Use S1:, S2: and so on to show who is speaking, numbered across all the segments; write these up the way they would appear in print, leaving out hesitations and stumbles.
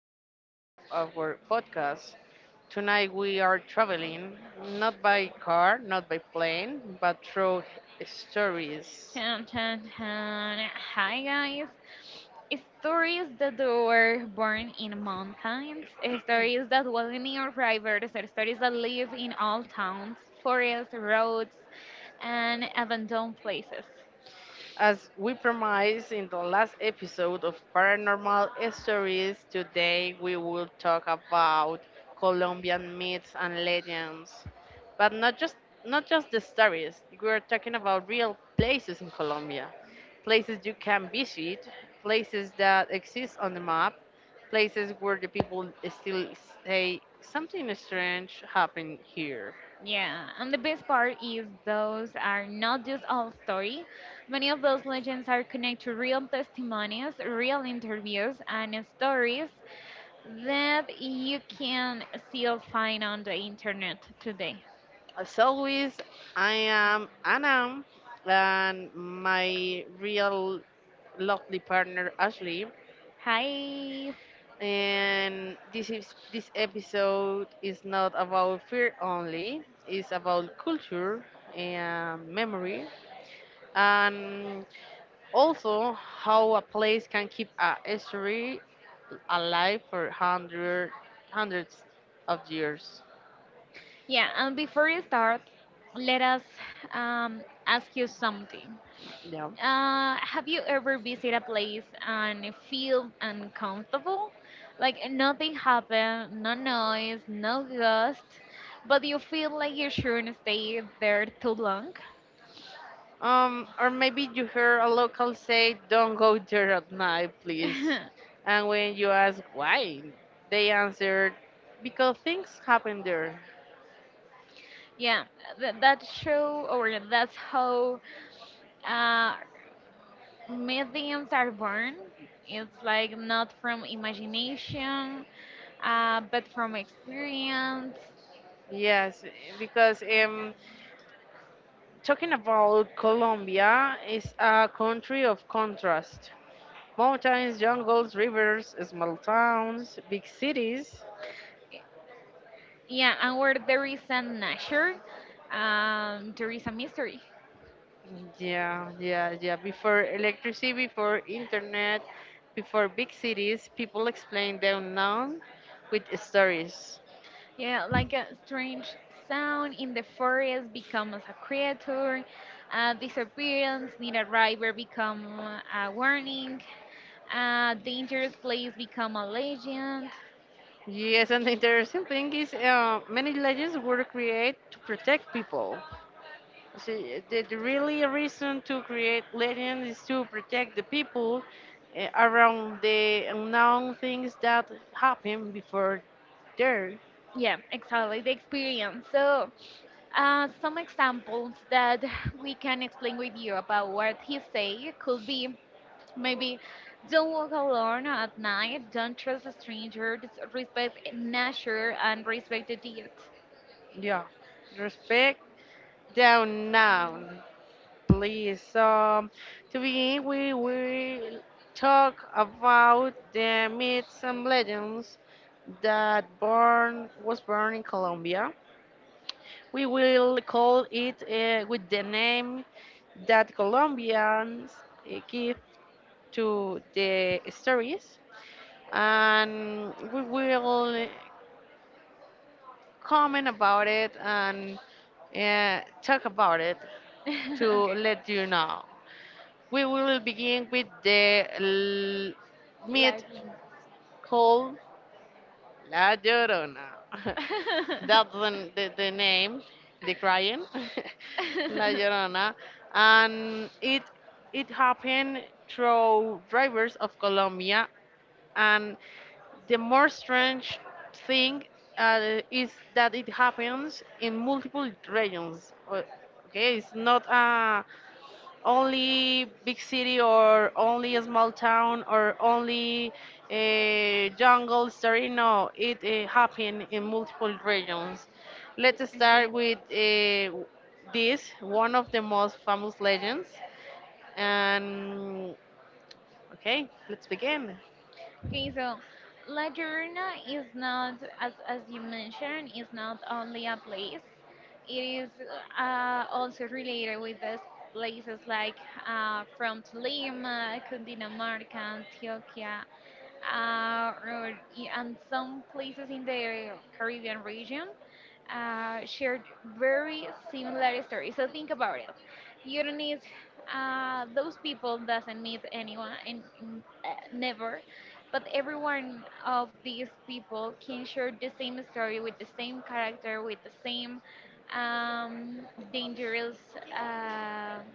S1: episode of our podcast. Tonight we are traveling not by car, not by plane, but through stories.
S2: Dun, dun, dun. Hi guys. Stories that were born in mountains, stories that was near rivers, stories that live in old towns, forests, roads, and abandoned places.
S1: As we promised in the last episode of Paranormal Stories, today we will talk about Colombian myths and legends. But not just the stories. We're talking about real places in Colombia. Places you can visit, places that exist on the map, places where the people still say something strange happened here.
S2: Yeah, and the best part is those are not just all story. Many of those legends are connected to real testimonies, real interviews, and stories that you can still find on the internet today.
S1: As always, I am Anna, and my real lovely partner Ashley.
S2: Hi.
S1: And this episode is not about fear only. It's about culture and memory, and also how a place can keep a history alive for hundreds of years.
S2: Yeah, and before you start, let us ask you something.
S1: Yeah.
S2: Have you ever visited a place and feel uncomfortable? Like nothing happened, no noise, no ghost, but you feel like you shouldn't stay there too long?
S1: Or maybe you hear a local say, "Don't go there at night, please." And when you ask why, they answer, "Because things happen there."
S2: Yeah, th- that show or that's how uh, Mediums are born. It's like not from imagination, but from experience.
S1: Yes, because talking about Colombia is a country of contrast: mountains, jungles, rivers, small towns, big cities.
S2: Yeah, and where there is a nature, there is a mystery.
S1: Yeah, yeah, yeah. Before electricity, before internet, before big cities, people explain the unknown with stories.
S2: Yeah, like a strange sound in the forest becomes a creature, a disappearance near a river become a warning, a dangerous place become a legend.
S1: Yes, and the interesting thing is, many legends were created to protect people. See, the really reason to create legends is to protect the people around the unknown things that happen before there.
S2: Yeah, exactly, the experience. Some examples that we can explain with you about what he say could be maybe don't walk alone at night, don't trust strangers, respect nature and respect the deed.
S1: Yeah, respect the unknown. Please. To begin with, we will talk about the myths and legends that born was born in Colombia. We will call it, with the name that Colombians give to the stories, and we will comment about it and, talk about it to
S2: Okay.
S1: let you know. We will begin with the myth
S2: Like
S1: called La Llorona. That's the name, the crying, La Llorona. And it happened through rivers of Colombia. And the more strange thing, is that it happens in multiple regions. Okay, it's not a only big city or only a small town or only a jungle story. No, it happened in multiple regions. Let's start
S2: okay.
S1: with, this, one of the most famous legends. And okay, let's begin.
S2: Okay, so La Llorona is not, as you mentioned, is not only a place. It is also related with those places like from Lima, Cundinamarca, Antioquia, uh, or, and some places in the Caribbean region shared very similar stories. So think about it. You don't need those people doesn't meet anyone and never. But every one of these people can share the same story with the same character, with the same um, dangerous uh,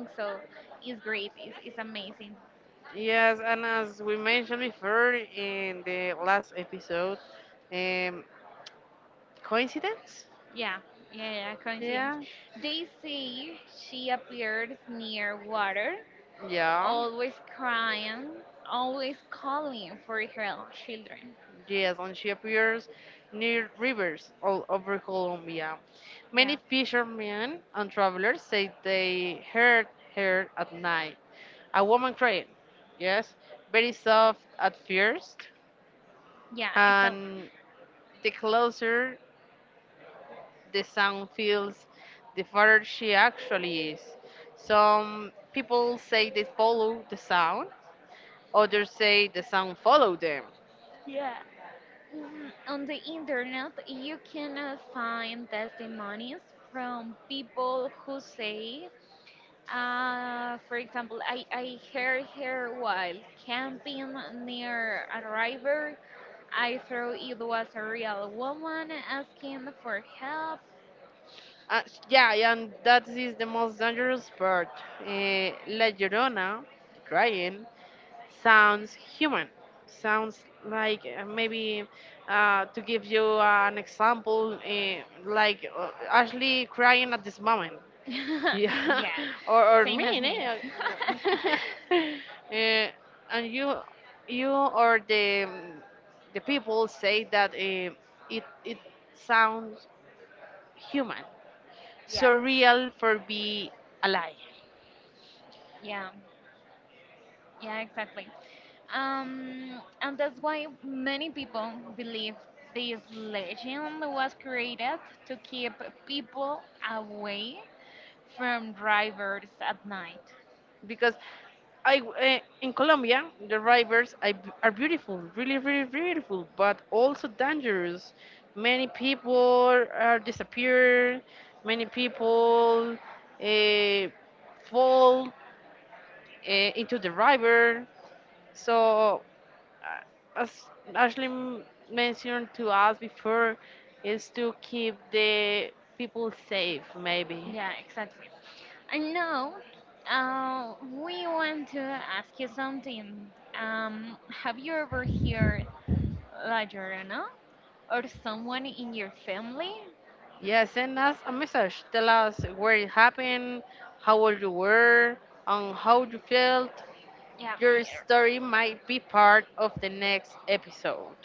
S2: thing. It's amazing.
S1: Yes, and as we mentioned before in the last episode, um, coincidence?
S2: Yeah, yeah, yeah, yeah,
S1: Yeah,
S2: coincidence. They say she appeared near water,
S1: yeah.
S2: always crying, always calling for her children.
S1: Yes, and she appears near rivers all over Colombia. Many
S2: Yeah,
S1: fishermen and travelers say they heard her at night. A woman crying, yes, very soft at first,
S2: yeah, exactly.
S1: and the closer the sound feels, the farther she actually is. Some people say they follow the sound, others say the sound follow them.
S2: On the internet you can find testimonies from people who say for example I heard her while camping near a river. I thought it was a real woman asking for help.
S1: Yeah, and that is the most dangerous part. La Llorona, crying, sounds human. Sounds like, maybe, to give you an example, like, Ashley crying at this moment. Yeah,
S2: Yeah,
S1: or me?
S2: same as me.
S1: No. Eh, and you or the people say that, it sounds human
S2: Yeah,
S1: surreal for be alive
S2: yeah, yeah, exactly. And that's why many people believe this legend was created to keep people away from drivers at night.
S1: because, I in Colombia the rivers are beautiful, really, really beautiful, but also dangerous. Many people are disappeared. Many people uh, fall into the river. So, as Ashley mentioned to us before, is to keep the people safe, maybe.
S2: Yeah, exactly. And now, we want to ask you something. Have you ever heard La Llorona or someone in your family?
S1: Yeah, send us a message. Tell us where it happened, how old you were, and how you felt.
S2: Yeah,
S1: Your
S2: yeah,
S1: story might be part of the next episode.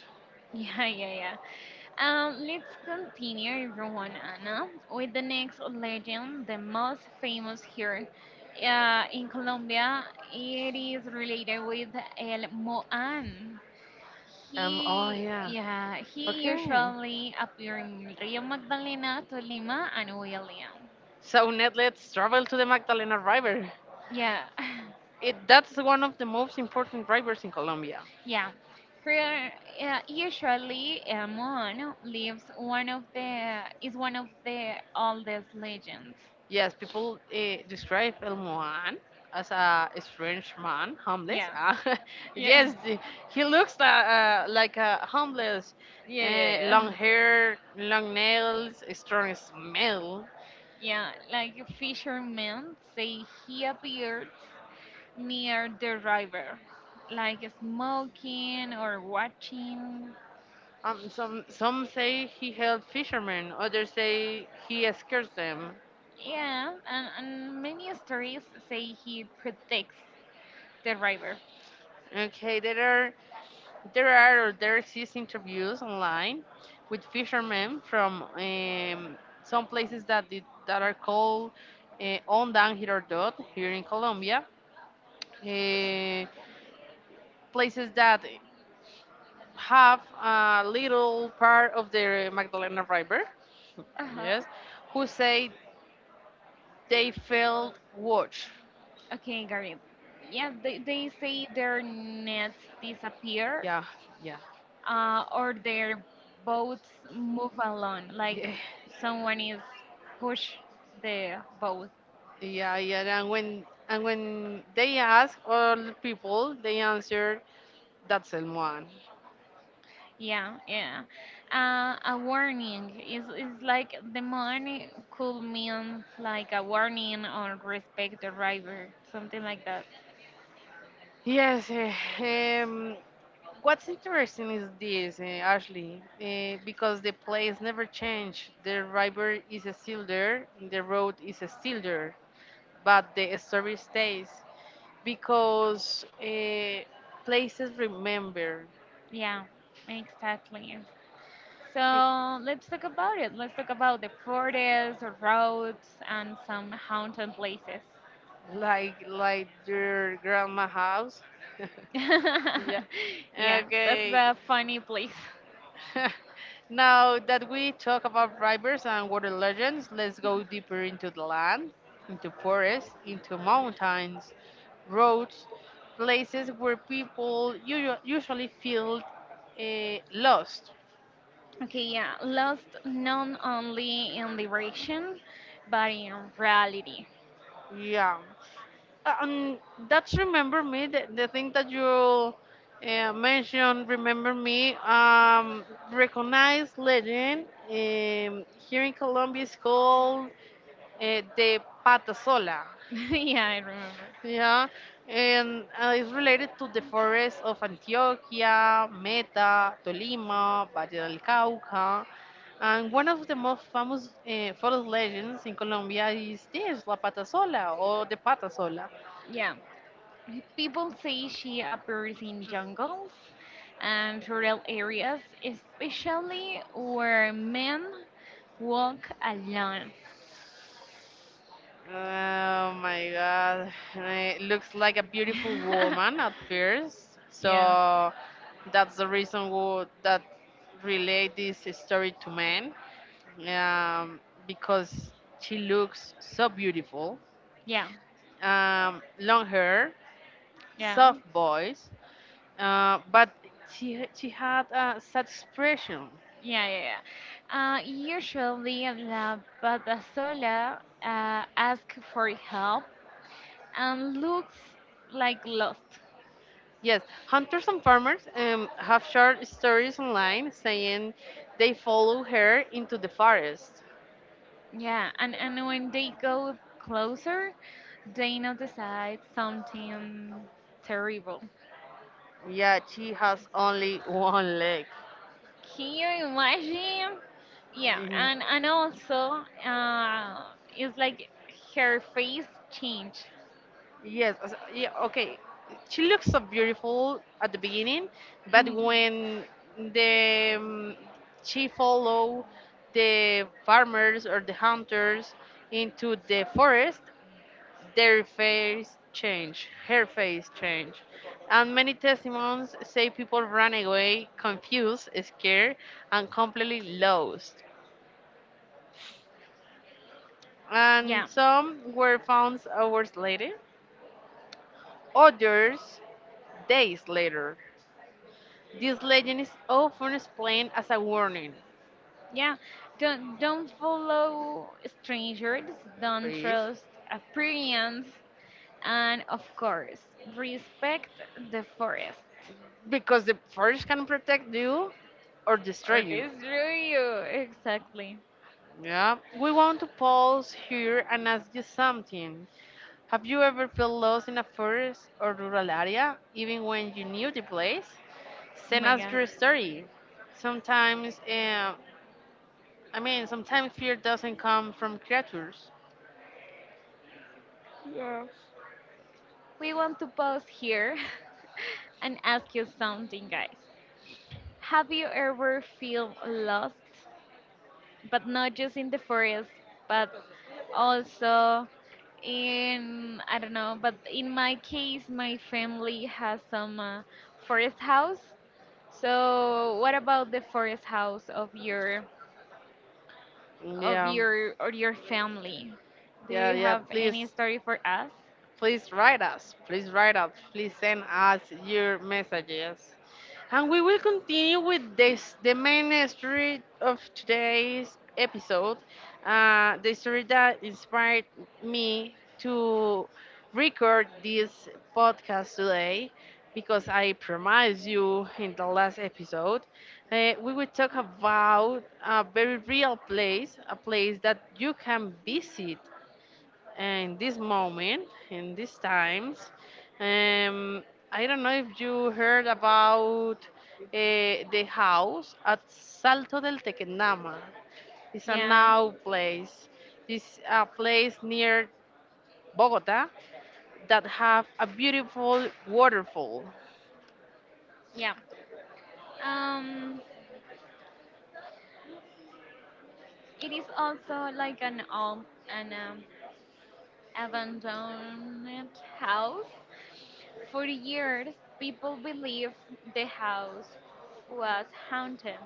S2: yeah, yeah, yeah. Let's continue, everyone, Anna, with the next legend, the most famous here in Colombia. It is related with El Moan.
S1: Oh
S2: He,
S1: yeah.
S2: yeah, he
S1: Okay.
S2: usually appear in Rio Magdalena, Tolima, and William.
S1: So now let's travel to the Magdalena River.
S2: Yeah,
S1: It that's one of the most important rivers in Colombia.
S2: yeah. Here, usually, El Moan lives one of the is one of the oldest legends.
S1: Yes, people describe El Moan as a strange man, homeless.
S2: Yeah,
S1: Ah,
S2: yeah,
S1: yes, he looks, like a homeless.
S2: yeah, yeah,
S1: Long
S2: yeah.
S1: hair, long nails, a strong smell.
S2: Yeah, like a fisherman say he appeared near the river, like smoking or watching.
S1: Some say he helped fishermen. Others say he scares them.
S2: Yeah, and many stories say he protects the river.
S1: Okay, there are There are or there exist interviews online with fishermen from, some places that are called, Ondan Girardot here in Colombia, uh, places that have a little part of the Magdalena River.
S2: Uh huh.
S1: Yes, who say they felt watch.
S2: Okay, Gary. Yeah, they say their nets disappear
S1: Yeah, yeah,
S2: or their boats move along,
S1: yeah,
S2: like someone is push the boat.
S1: yeah, yeah. And when they ask all the people, they answer that's the one.
S2: Yeah, yeah. A warning is like the money could mean like a warning or respect the driver, something like that.
S1: Yes, what's interesting is this, Ashley, because the place never changed. The river is still there, the road is still there, but the story stays because, places remember,
S2: Yeah, exactly.
S1: eh,
S2: So let's talk about it. Let's talk about the forests, roads, and some haunted places.
S1: like your grandma house. Yeah.
S2: Yeah, that's
S1: Okay.
S2: a funny place.
S1: Now that we talk about rivers and water legends, let's go deeper into the land, into forests, into mountains, roads, places where people usually feel lost.
S2: Okay, yeah, lost not only in direction, but in reality.
S1: Yeah, and that's remember me. The thing that you mentioned, remember me. Recognized legend, here in Colombia is called, the Patasola.
S2: Yeah, I remember.
S1: Yeah, and it's related to the forests of Antioquia, Meta, Tolima, Valle del Cauca. And one of the most famous forest legends in Colombia is this, La Patasola or the Patasola.
S2: Yeah, people say she appears in jungles and rural areas, especially where men walk alone.
S1: Oh my god. It looks like a beautiful
S2: Yeah,
S1: woman at first. So
S2: yeah,
S1: that's the reason who, that relate this story to men. Um, because she looks so beautiful.
S2: yeah,
S1: Long hair,
S2: yeah,
S1: soft voice, but she had such expression.
S2: yeah, yeah. Usually, the Batasola asks for help and looks like lost.
S1: Yes, hunters and farmers, have shared stories online saying they follow her into the forest.
S2: Yeah, and when they go closer, they notice that something terrible.
S1: Yeah, she has only one leg.
S2: Can you imagine? Yeah,
S1: Mm.
S2: and and also, uh, it's like her face change.
S1: Yes, yeah, okay. She looks so beautiful at the beginning, but
S2: Mhm.
S1: when the she follow the farmers or the hunters into the forest, their face change, her face change. And many testimonies say people ran away confused, scared, and completely lost. And
S2: Yeah,
S1: some were found hours later, others days later. This legend is often explained as a warning,
S2: yeah. Don't follow strangers. Don't
S1: please,
S2: trust appearance, and of course, respect the forest
S1: because the forest can protect you or destroy
S2: or
S1: you.
S2: destroy you. Exactly.
S1: Yeah, we want to pause here and ask you something. Have you ever felt lost in a forest or rural area, even when you knew the place?
S2: Oh
S1: Send
S2: my
S1: us
S2: god.
S1: your story. Sometimes, I mean, sometimes fear doesn't come from creatures.
S2: We want to pause here and ask you something, guys. Have you ever feel lost, but not just in the forest, but also in I don't know, but in my case, my family has some forest house. So, what about the forest house of
S1: Yeah,
S2: your or your family? Do
S1: yeah,
S2: you
S1: yeah.
S2: have any
S1: Please,
S2: story for us?
S1: please write us. Please write us. Please send us your messages, and we will continue with this the main story of today's episode. The story that inspired me to record this podcast today, because I promised you in the last episode, we will talk about a very real place, a place that you can visit in this moment, in these times. Um, I don't know if you heard about, the house at Salto del Tequendama. It's a
S2: Yeah,
S1: now place. It's a place near Bogota that have a beautiful waterfall.
S2: yeah. Um, It is also like an abandoned house. For years, people believe the house was haunted.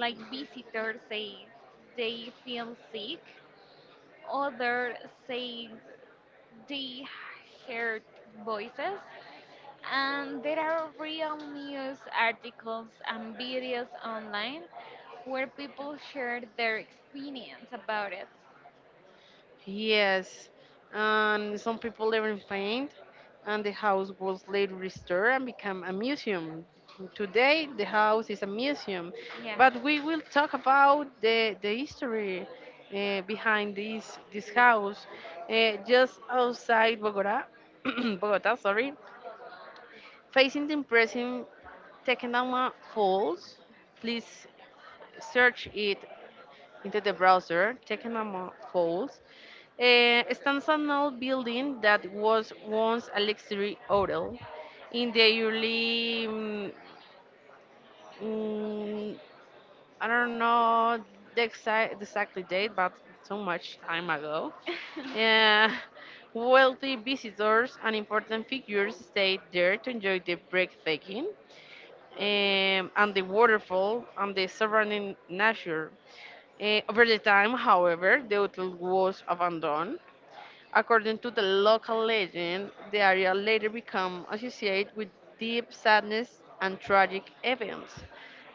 S2: Like visitors say, they feel sick. Others say they heard voices. And there are real news articles and videos online where people share their experience about it.
S1: Yes, and some people even faint, and the house was later restored and became a museum. Today, the house is a museum,
S2: Yeah.
S1: but we will talk about the history, behind this house. Just outside Bogota, Bogota, sorry, facing the impressive Tequendama Falls. Please search it into the browser, Tequendama Falls. Stands an old building that was once a luxury hotel in the early, mm, I don't know the exactly date, but so much time ago.
S2: Oh
S1: Uh, Wealthy visitors and important figures stayed there to enjoy the breathtaking, and the waterfall and the surrounding nature. Over the time, however, the hotel was abandoned. According to the local legend, the area later became associated with deep sadness and tragic events,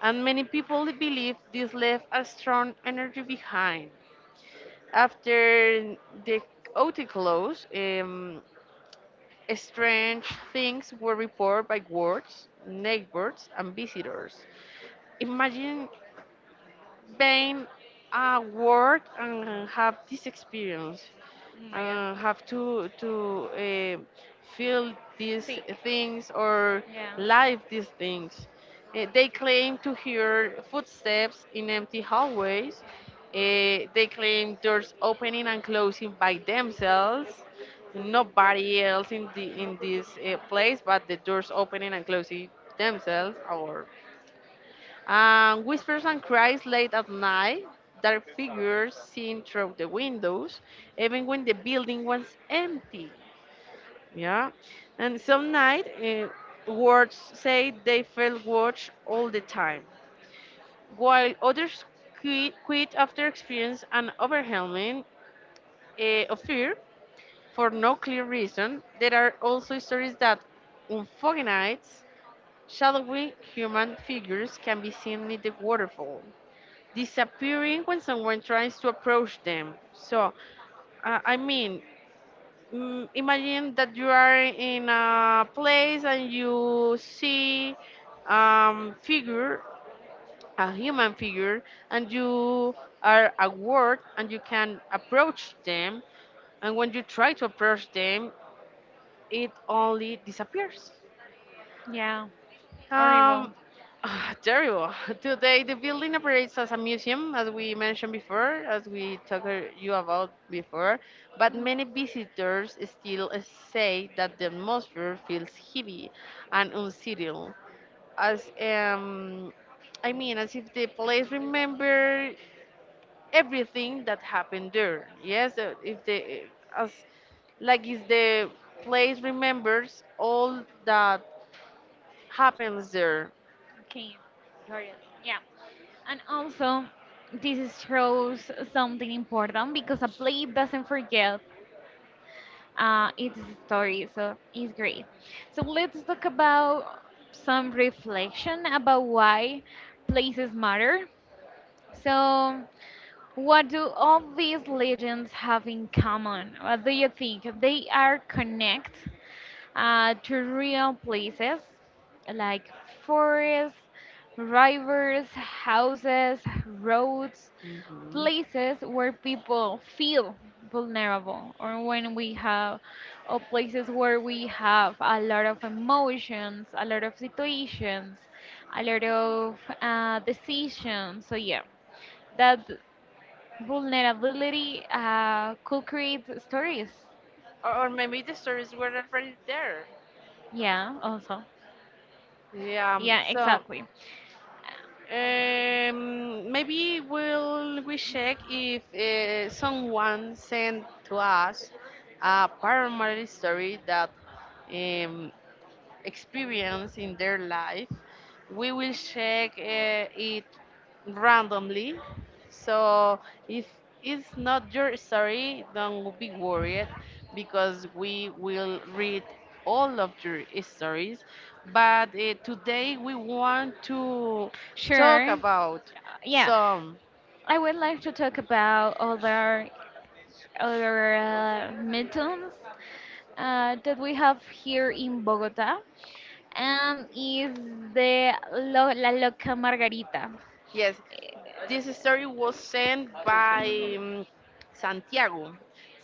S1: and many people believe this left a strong energy behind. After the OT close, strange things were reported by wards, neighbors, and visitors. Imagine being a word and have this experience
S2: my god.
S1: and have to feel these
S2: Sick.
S1: things or
S2: Yeah.
S1: live these things. They claim to hear footsteps in empty hallways. They claim doors opening and closing by themselves. Nobody else in the in this, place, but the doors opening and closing themselves or, whispers and cries late at night, dark figures seen through the windows, even when the building was empty. Yeah, and some night, words say they felt watched all the time, while others quit after experience an overwhelming, of fear for no clear reason. There are also stories that on foggy nights, shadowy human figures can be seen near the waterfall disappearing when someone tries to approach them. So, I mean, imagine that you are in a place and you see, um, figure, a human figure, and you are aware and you can approach them. And when you try to approach them, it only disappears.
S2: Yeah.
S1: Um,
S2: Horrible.
S1: Terrible. Today, the building operates as a museum, as we mentioned before, as we talked, you about before. But many visitors still say that the atmosphere feels heavy and unsettling, as I mean, as if the place remember everything that happened there. Yes, if the, as like if the place remembers all that happens there.
S2: Okay. Got it. Yeah. And also, this shows something important because a play doesn't forget its story, so it's great. So let's talk about some reflection about why places matter. So what do all these legends have in common? What do you think? They are connect to real places like forests, rivers, houses, roads,
S1: Mhm.
S2: places where people feel vulnerable or when we have or places where we have a lot of emotions, a lot of situations, a lot of decisions. So yeah, that vulnerability could create stories.
S1: Or maybe the stories were already there.
S2: Yeah, also.
S1: Yeah,
S2: Yeah,
S1: so,
S2: exactly.
S1: maybe we'll we check if, someone sent to us a paranormal story that, um, experience in their life. We will check, it randomly. So if it's not your story, don't be worried because we will read all of your stories. But, today we want to talk
S2: Sure.
S1: about
S2: Yeah,
S1: some.
S2: I would like to talk about other meetings that we have here in Bogota, and is the La Loca Margarita.
S1: Yes, this story was sent by, Santiago.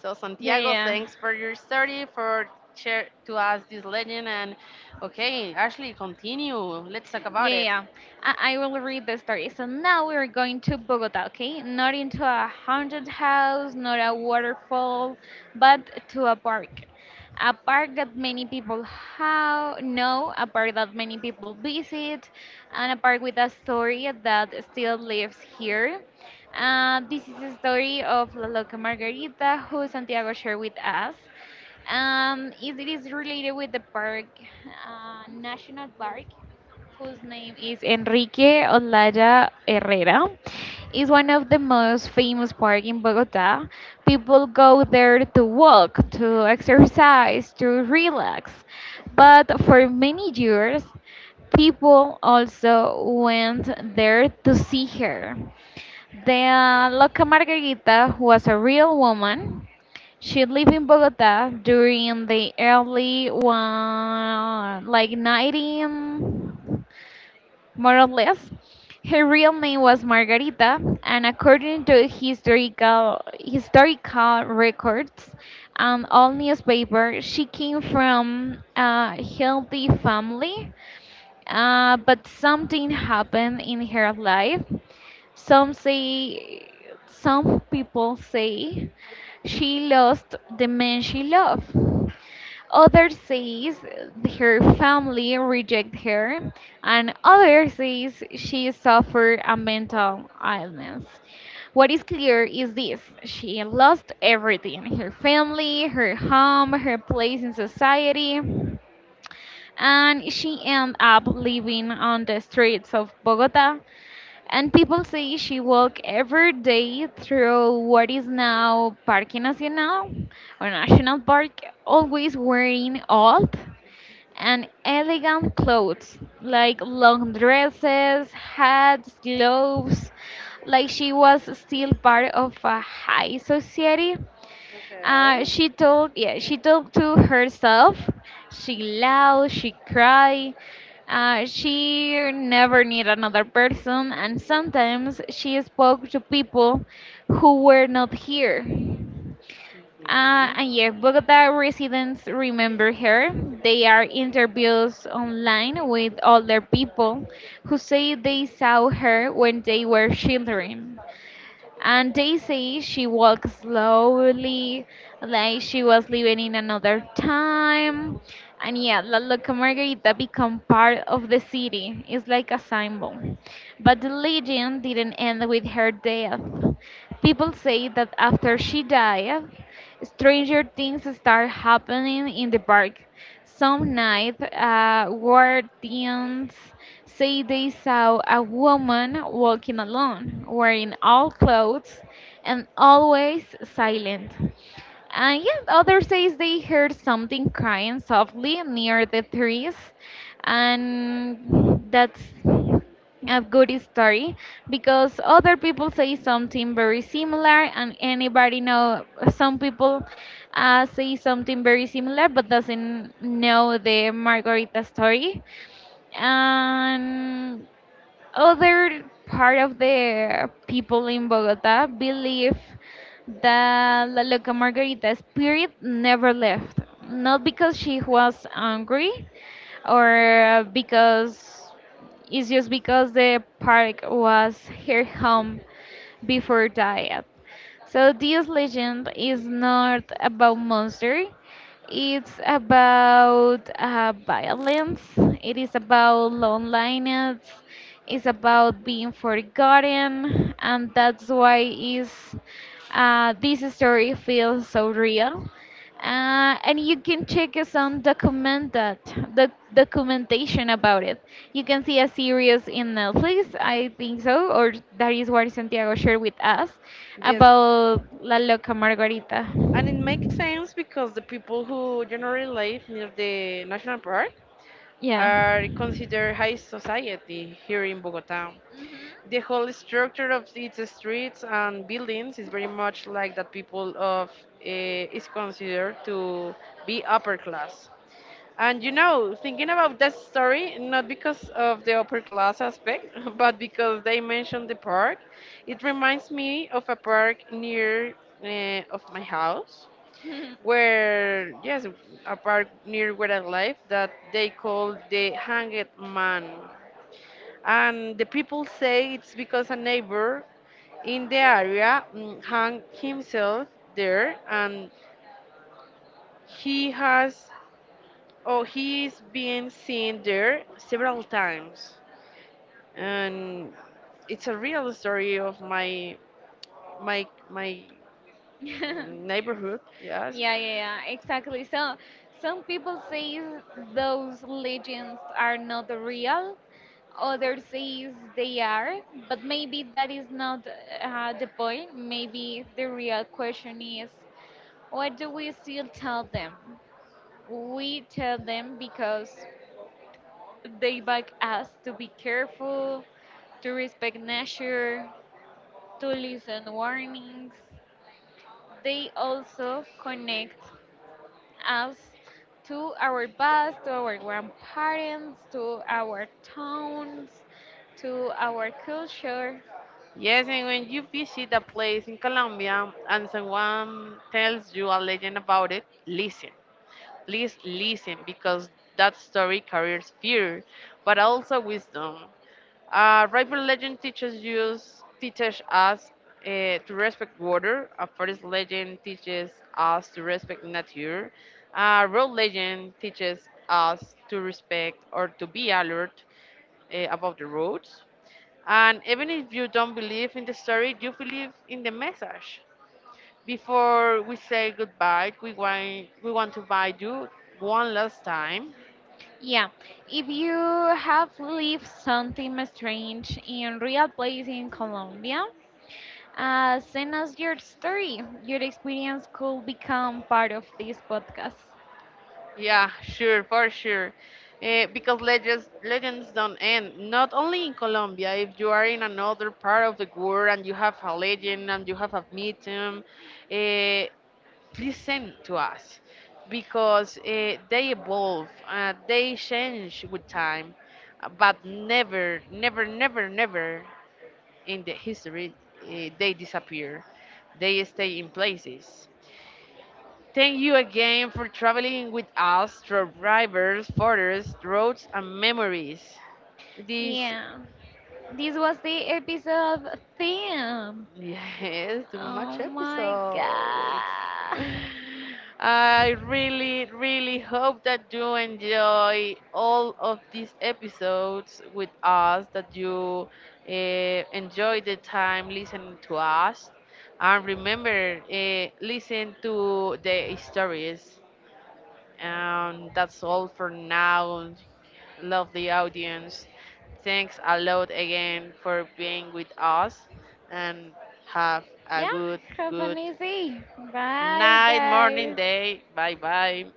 S1: So
S2: Yeah,
S1: Santiago,
S2: yeah,
S1: thanks for your story, for share to us this legend. And okay, Ashley, continue. Let's talk
S2: yeah,
S1: about
S2: yeah,
S1: it.
S2: yeah. I will read the story. So now we're going to Bogota, okay? Not into a haunted house, not a waterfall, but to a park. A park that many people how know, a park that many people visit, and a park with a story that still lives here. This is the story of La Loca Margarita, who Santiago shared with us. It is related with the park, National Park whose name is Enrique Olaya Herrera, is one of the most famous parks in Bogota. People go there to walk, to exercise, to relax. But for many years, people also went there to see her. The local Margarita was a real woman. She lived in Bogota during the early one, like 19 more or less. Her real name was Margarita, and according to historical records and all newspaper, she came from a healthy family but something happened in her life. Some say, some people say she lost the man she loved. Others says her family reject her, and others says she suffered a mental illness. What is clear is this: she lost everything: her family, her home, her place in society and she ended up living on the streets of Bogota. And people say she walked every day through what is now Parque Nacional or National Park, always wearing old and elegant clothes like long dresses, hats, gloves, like she was still part of a high society. uh,
S1: Okay.
S2: she told, yeah, she talked to herself. She laughed, she cried. She never needed another person, and sometimes she spoke to people who were not here. Uh,
S1: Okay.
S2: and yeah, Bogota residents remember her. They are interviews online with older people who say they saw her when they were children. And Daisy, she walked slowly, like she was living in another time. And yeah, La Loca Margarita became part of the city. It's like a symbol. But the legend didn't end with her death. People say that after she died, stranger things start happening in the park. Some night, guardians say they saw a woman walking alone, wearing all clothes and always silent. Yeah, others says they heard something crying softly near the trees, and that's a good story because other people say something very similar, and anybody know some people say something very similar but doesn't know the Margarita story. And other part of the people in Bogota believe that La Loca Margarita spirit never left. Not because she was angry or because it's just because the park was her home before diet. So this legend is not about monster. It's about violence. It is about loneliness. It's about being forgotten, and that's why is this story feels so real and you can check us on document that the documentation about it. You can see a series in Netflix, I think so, or that is what Santiago shared with us
S1: Yes,
S2: about La Loca Margarita.
S1: and it makes sense because the people who generally live near the national park
S2: Yeah.
S1: are considered high society here in Bogota. The
S2: Mhm.
S1: whole structure of its streets and buildings is very much like that people of, is considered to be upper class. And thinking about that story, not because of the upper class aspect, but because they mentioned the park, it reminds me of a park near, of my house, where, yes, a park near where I live that they call the hanged man. And the people say it's because a neighbor in the area, hung himself there, and he has, or he is being seen there several times. And it's a real story of my my my
S2: yeah.
S1: Mm, neighborhood, yes.
S2: Yeah, yeah, yeah, exactly. So some people say those legends are not real. Others say they are, but maybe that is not the point. Maybe the real question is, what do we still tell them? We tell them because they beg us to be careful, to respect nature, to listen warnings. They also connect us to our past, to our grandparents, to our towns, to our culture.
S1: Yes, and when you visit a place in Colombia and someone tells you a legend about it, listen. Please listen because that story carries fear, but also wisdom. Rival legend teaches us, to respect water. A forest legend teaches us to respect nature. A road legend teaches us to respect or to be alert, about the roads. And even if you don't believe in the story, you believe in the message. Before we say goodbye, we want to buy you one last time.
S2: Yeah, if you have lived something strange in real place in Colombia, send us your story. Your experience could become part of this podcast.
S1: Yeah, sure, for sure. Because legends don't end. Not only in Colombia, if you are in another part of the world and you have a legend and you have a medium, uh, please send to us because, they evolve, they change with time, but never, never, never, never in the history, they disappear. They stay in places. Thank you again for traveling with us through rivers, forests, roads, and memories. This
S2: Yeah, this was the episode theme.
S1: Yes, too
S2: Oh
S1: much
S2: my
S1: episodes.
S2: god.
S1: I really, really hope that you enjoy all of these episodes with us, that you, uh, enjoy the time listening to us. And remember, listen to the stories. And that's all for now. Love the audience. Thanks a lot again for being with us and have a
S2: Yeah,
S1: good,
S2: have an
S1: good
S2: easy. Bye,
S1: night, morning,
S2: guys.
S1: day. Bye bye.